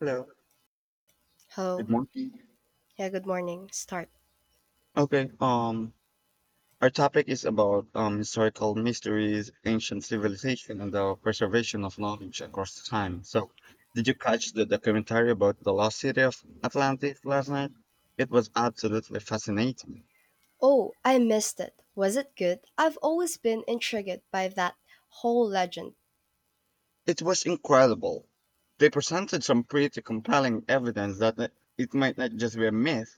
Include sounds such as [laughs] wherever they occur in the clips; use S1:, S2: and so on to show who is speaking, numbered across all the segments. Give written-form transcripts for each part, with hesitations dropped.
S1: Hello. Good
S2: Hello.
S1: morning.
S2: Yeah, good morning. Start.
S1: Okay. Our topic is about historical mysteries, ancient civilization, and the preservation of knowledge across time. So, did you catch the documentary about the lost city of Atlantis last night? It was absolutely fascinating.
S2: Oh, I missed it. Was it good? I've always been intrigued by that whole legend.
S1: It was incredible. They presented some pretty compelling evidence that it might not just be a myth.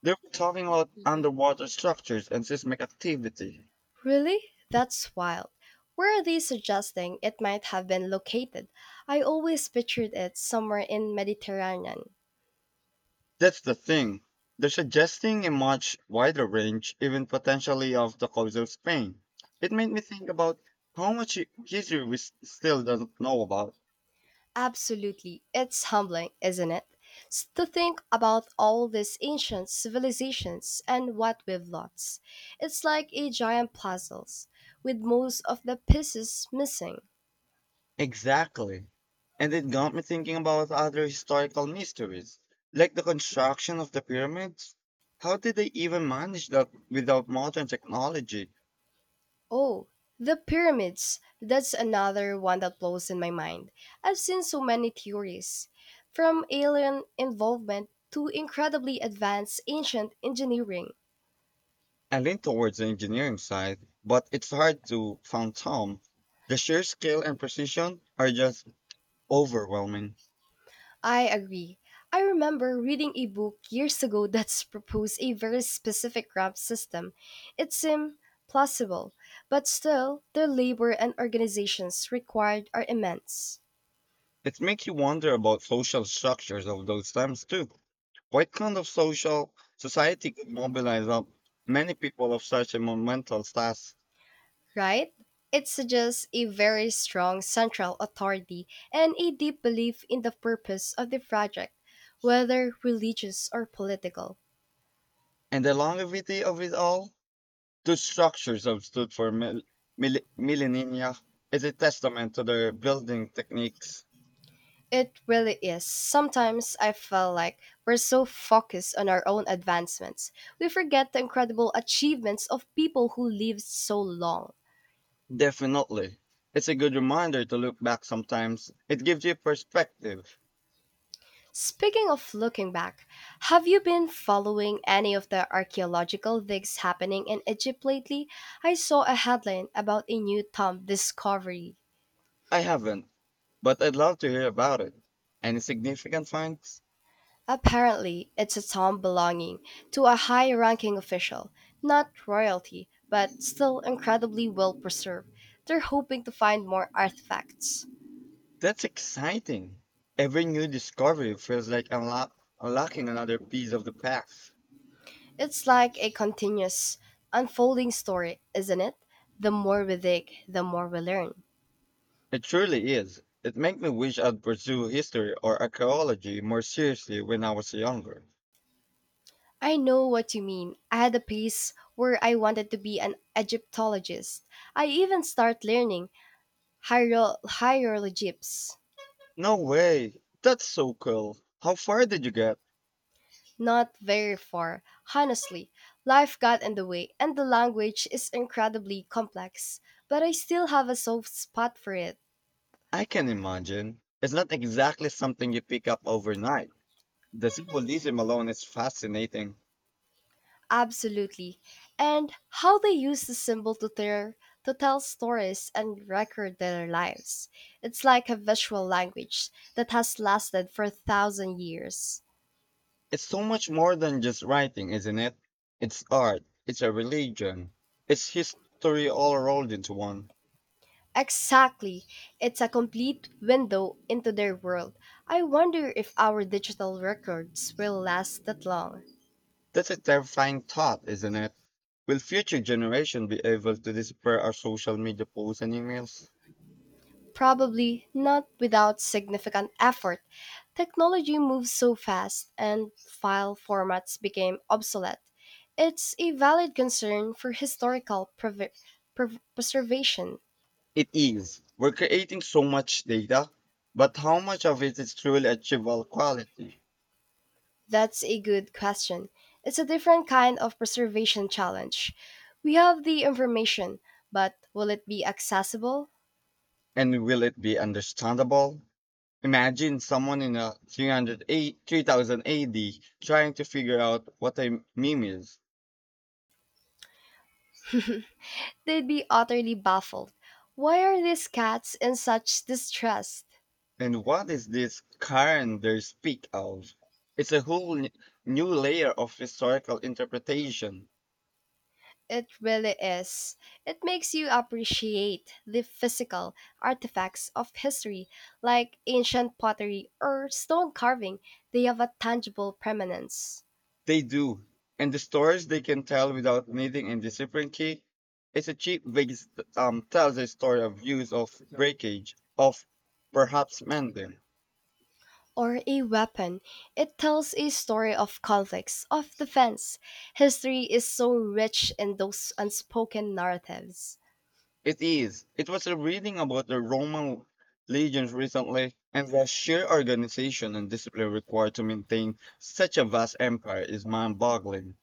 S1: They were talking about underwater structures and seismic activity.
S2: Really? That's wild. Where are they suggesting it might have been located? I always pictured it somewhere in Mediterranean.
S1: That's the thing. They're suggesting a much wider range, even potentially, of the cause of Spain. It made me think about how much history we still don't know about.
S2: Absolutely. It's humbling, isn't it? To think about all these ancient civilizations and what we've lost. It's like a giant puzzle with most of the pieces missing.
S1: Exactly. And it got me thinking about other historical mysteries, like the construction of the pyramids. How did they even manage that without modern technology?
S2: Oh, the pyramids. That's another one that blows in my mind. I've seen so many theories, from alien involvement to incredibly advanced ancient engineering.
S1: I lean towards the engineering side, but it's hard to fathom. The sheer scale and precision are just overwhelming.
S2: I agree. I remember reading a book years ago [laughs] that's proposed a very specific ramp system. It seemed plausible, but still, the labor and organizations required are immense.
S1: It makes you wonder about social structures of those times too. What kind of social society could mobilize up many people of such a monumental task?
S2: Right? It suggests a very strong central authority and a deep belief in the purpose of the project, whether religious or political.
S1: And the longevity of it all, those structures have stood for millennia is a testament to their building techniques.
S2: It really is. Sometimes I feel like we're so focused on our own advancements, we forget the incredible achievements of people who lived so long.
S1: Definitely. It's a good reminder to look back sometimes. It gives you perspective.
S2: Speaking of looking back, have you been following any of the archaeological digs happening in Egypt lately? I saw a headline about a new tomb discovery.
S1: I haven't, but I'd love to hear about it. Any significant finds?
S2: Apparently, it's a tomb belonging to a high ranking official, not royalty, but still incredibly well preserved. They're hoping to find more artifacts.
S1: That's exciting. Every new discovery feels like unlocking another piece of the past.
S2: It's like a continuous, unfolding story, isn't it? The more we dig, the more we learn.
S1: It truly is. It makes me wish I'd pursue history or archaeology more seriously when I was younger.
S2: I know what you mean. I had a piece where I wanted to be an Egyptologist. I even start learning hieroglyphs.
S1: No way. That's so cool. How far did you get?
S2: Not very far, honestly. Life got in the way, and the language is incredibly complex. But I still have a soft spot for it.
S1: I can imagine. It's not exactly something you pick up overnight. The symbolism alone is fascinating.
S2: Absolutely. And how they use the symbol to tell stories and record their lives. It's like a visual language that has lasted for a thousand years.
S1: It's so much more than just writing, isn't it? It's art, it's a religion, it's history all rolled into one.
S2: Exactly. It's a complete window into their world. I wonder if our digital records will last that long.
S1: That's a terrifying thought, isn't it? Will future generation be able to decipher our social media posts and emails?
S2: Probably not without significant effort. Technology moves so fast and file formats became obsolete. It's a valid concern for historical preservation.
S1: It is. We're creating so much data, but how much of it is truly achievable quality?
S2: That's a good question. It's a different kind of preservation challenge. We have the information, but will it be accessible?
S1: And will it be understandable? Imagine someone in a 3000 AD trying to figure out what a meme is
S2: They'd be utterly baffled. Why are these cats in such distress?
S1: and what is this Karen they speak of. It's a whole new layer of historical interpretation.
S2: It really is. It makes you appreciate the physical artifacts of history, like ancient pottery or stone carving. They have a tangible permanence.
S1: They do. And the stories they can tell without needing a discipline key. It's a cheap Vegas tells a story of use of breakage, of perhaps mending.
S2: Or a weapon. It tells a story of conflicts, of defense. History is so rich in those unspoken narratives.
S1: It is. It was a reading about the Roman legions recently and the sheer organization and discipline required to maintain such a vast empire is mind boggling.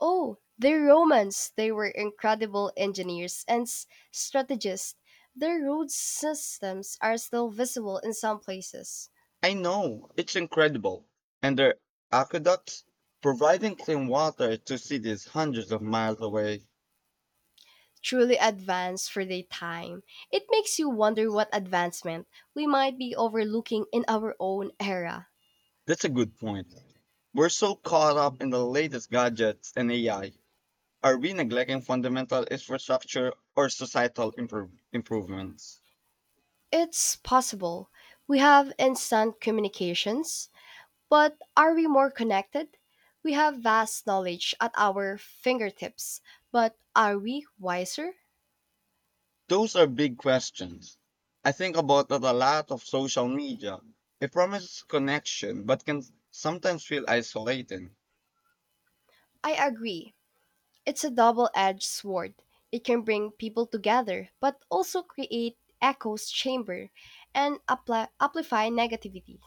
S2: Oh, the Romans! They were incredible engineers and strategists. Their road systems are still visible in some places.
S1: I know, it's incredible. And their aqueducts providing clean water to cities hundreds of miles away.
S2: Truly advanced for their time. It makes you wonder what advancement we might be overlooking in our own era.
S1: That's a good point. We're so caught up in the latest gadgets and AI. Are we neglecting fundamental infrastructure or societal improvements?
S2: It's possible. We have instant communications, but are we more connected? We have vast knowledge at our fingertips, but are we wiser?
S1: Those are big questions. I think about that a lot of social media. It promises connection, but can sometimes feel isolating.
S2: I agree. It's a double-edged sword. It can bring people together, but also create echoes chamber and amplify negativity.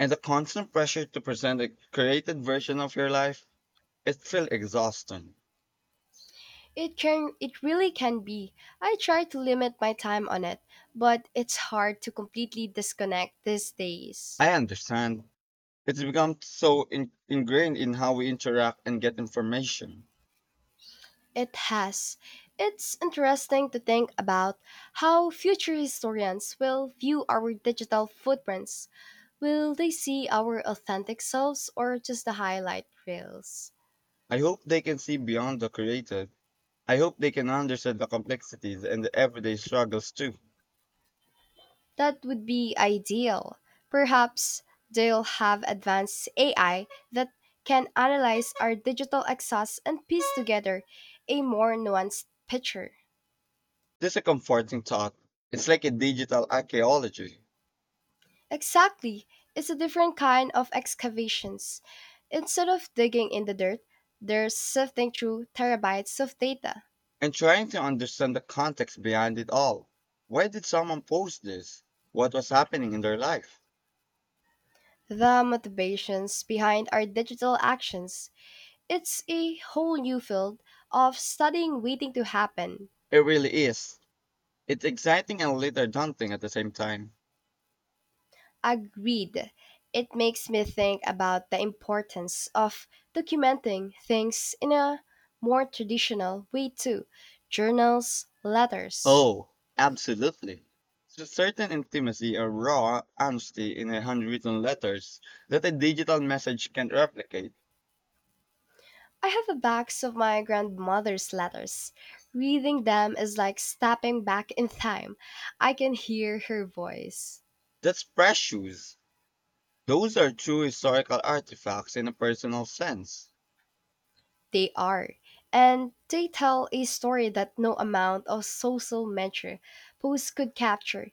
S1: And the constant pressure to present a created version of your life, it feels exhausting.
S2: It really can be. I try to limit my time on it, but it's hard to completely disconnect these days.
S1: I understand. It's become so ingrained in how we interact and get information.
S2: It has. It's interesting to think about how future historians will view our digital footprints. Will they see our authentic selves or just the highlight reels?
S1: I hope they can see beyond the creative. I hope they can understand the complexities and the everyday struggles too.
S2: That would be ideal. Perhaps they'll have advanced AI that can analyze our digital exhaust and piece together a more nuanced picture.
S1: This is a comforting thought. It's like a digital archaeology.
S2: Exactly. It's a different kind of excavations. Instead of digging in the dirt, they're sifting through terabytes of data.
S1: And trying to understand the context behind it all. Why did someone post this? What was happening in their life?
S2: The motivations behind our digital actions. It's a whole new field of studying waiting to happen.
S1: It really is. It's exciting and a little daunting at the same time.
S2: Agreed. It makes me think about the importance of documenting things in a more traditional way too. Journals, letters.
S1: Oh, absolutely. There's a certain intimacy or raw honesty in a handwritten letters that a digital message can't replicate.
S2: I have a box of my grandmother's letters. Reading them is like stepping back in time. I can hear her voice.
S1: That's precious. Those are true historical artifacts in a personal sense.
S2: They are. And they tell a story that no amount of social measure posts could capture.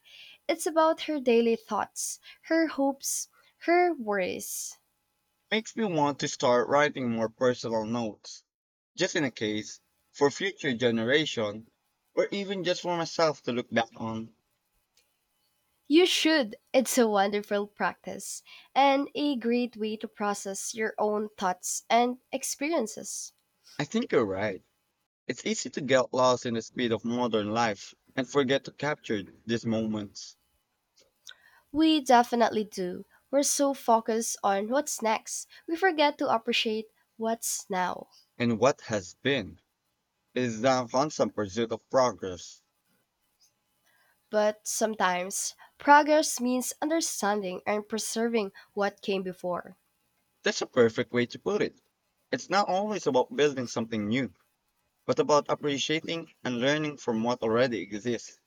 S2: It's about her daily thoughts, her hopes, her worries.
S1: Makes me want to start writing more personal notes, just in a case, for future generation, or even just for myself to look back on.
S2: You should. It's a wonderful practice and a great way to process your own thoughts and experiences.
S1: I think you're right. It's easy to get lost in the speed of modern life and forget to capture these moments.
S2: We definitely do. We're so focused on what's next, we forget to appreciate what's now.
S1: And what has been is the constant pursuit of progress.
S2: But sometimes, progress means understanding and preserving what came before.
S1: That's a perfect way to put it. It's not always about building something new but about appreciating and learning from what already exists.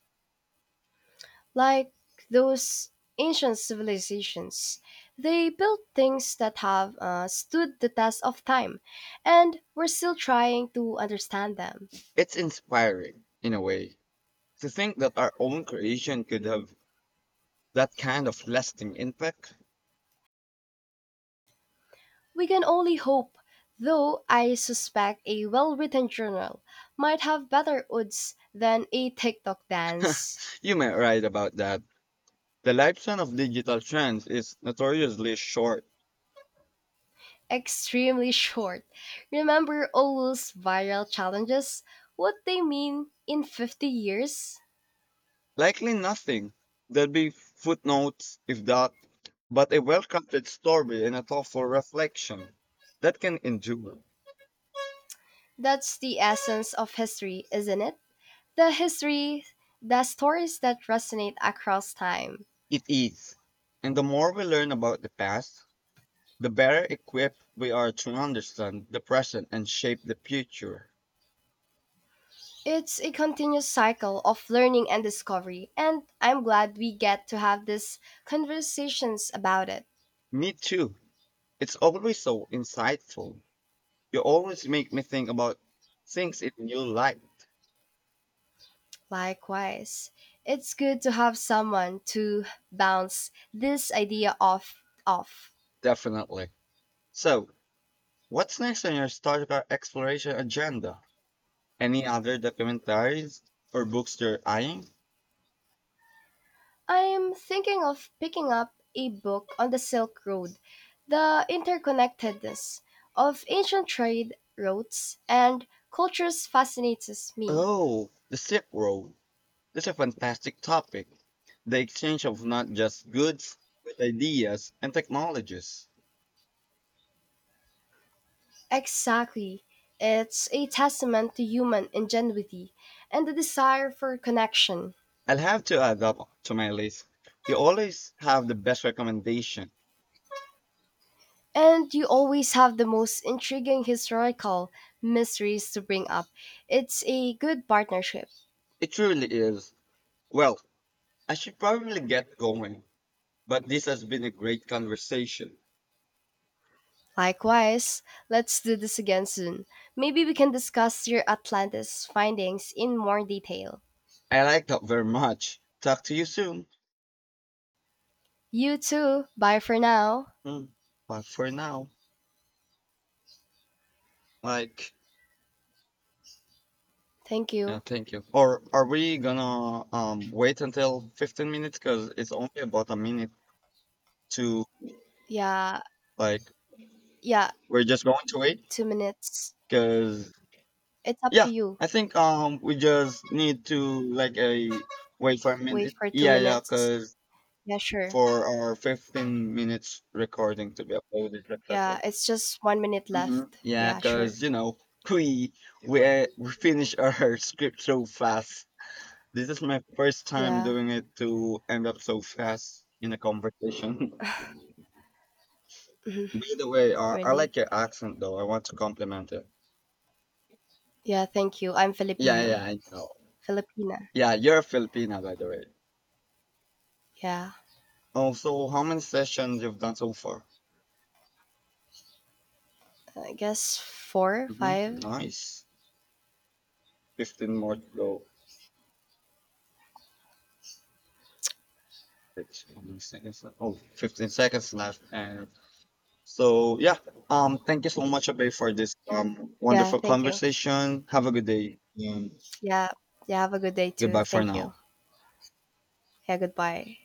S2: Like those ancient civilizations, they built things that have stood the test of time, and we're still trying to understand them.
S1: It's inspiring, in a way, to think that our own creation could have that kind of lasting impact.
S2: We can only hope, though I suspect a well written journal might have better odds than a TikTok dance.
S1: [laughs] You might right about that. The lifespan of digital trends is notoriously short.
S2: Extremely short. Remember all those viral challenges? What they mean in 50 years?
S1: Likely nothing. There'll be footnotes, if that, but a well crafted story and a thoughtful reflection that can endure.
S2: That's the essence of history, isn't it? The history, the stories that resonate across time.
S1: It is. And the more we learn about the past, the better equipped we are to understand the present and shape the future.
S2: It's a continuous cycle of learning and discovery, and I'm glad we get to have these conversations about it.
S1: Me too. It's always so insightful. You always make me think about things in new light.
S2: Likewise, it's good to have someone to bounce this idea off.
S1: Definitely. So, what's next on your historical exploration agenda? Any other documentaries or books you're eyeing?
S2: I'm thinking of picking up a book on the Silk Road, the interconnectedness of ancient trade routes and cultures fascinates me.
S1: Oh, the Silk Road. That's a fantastic topic. The exchange of not just goods, but ideas and technologies.
S2: Exactly. It's a testament to human ingenuity and the desire for connection.
S1: I'll have to add up to my list. You always have the best recommendation.
S2: And you always have the most intriguing historical mysteries to bring up. It's a good partnership.
S1: It truly is. Well, I should probably get going, but this has been a great conversation.
S2: Likewise, let's do this again soon. Maybe we can discuss your Atlantis findings in more detail.
S1: I liked that very much. Talk to you soon.
S2: You too. Bye for now.
S1: Mm, But for now, like,
S2: Thank
S1: yeah,
S2: you.
S1: thank you. Or are we gonna wait until 15 minutes? Because it's only about a minute to,
S2: Yeah,
S1: like,
S2: yeah,
S1: we're just going to wait
S2: 2 minutes.
S1: because.
S2: It's up
S1: Yeah,
S2: to you.
S1: I think we just need to like a wait for a
S2: Wait
S1: minute.
S2: for two
S1: Yeah, yeah,
S2: minutes.
S1: because
S2: Yeah, sure.
S1: for our 15 minutes recording to be uploaded successful.
S2: Yeah, it's just 1 minute
S1: Hmm.
S2: left.
S1: Yeah,
S2: Yeah,
S1: because
S2: sure.
S1: [laughs] we we finish our [laughs] script so fast. This is my first time
S2: Yeah,
S1: doing it to end up so fast in a conversation. [laughs]
S2: mhm,
S1: By the way, I
S2: really.
S1: like your accent though. I want to compliment it.
S2: Yeah, thank you. I'm
S1: Yeah, yeah,
S2: Filipino.
S1: I know.
S2: Filipina.
S1: Yeah, you're a Filipina, by the way.
S2: Yeah,
S1: Oh, so how many sessions you've done so far?
S2: I guess four,
S1: Hmm.
S2: five.
S1: Nice. 15 more to go. It's almost seconds left. Oh, 15 seconds left. And so, yeah, thank you so much, Abe, for this
S2: Yeah,
S1: wonderful
S2: thank you.
S1: conversation. Have a good day and
S2: Yeah, yeah, have a good day too.
S1: goodbye for
S2: Thank you.
S1: now.
S2: Hair goodbye.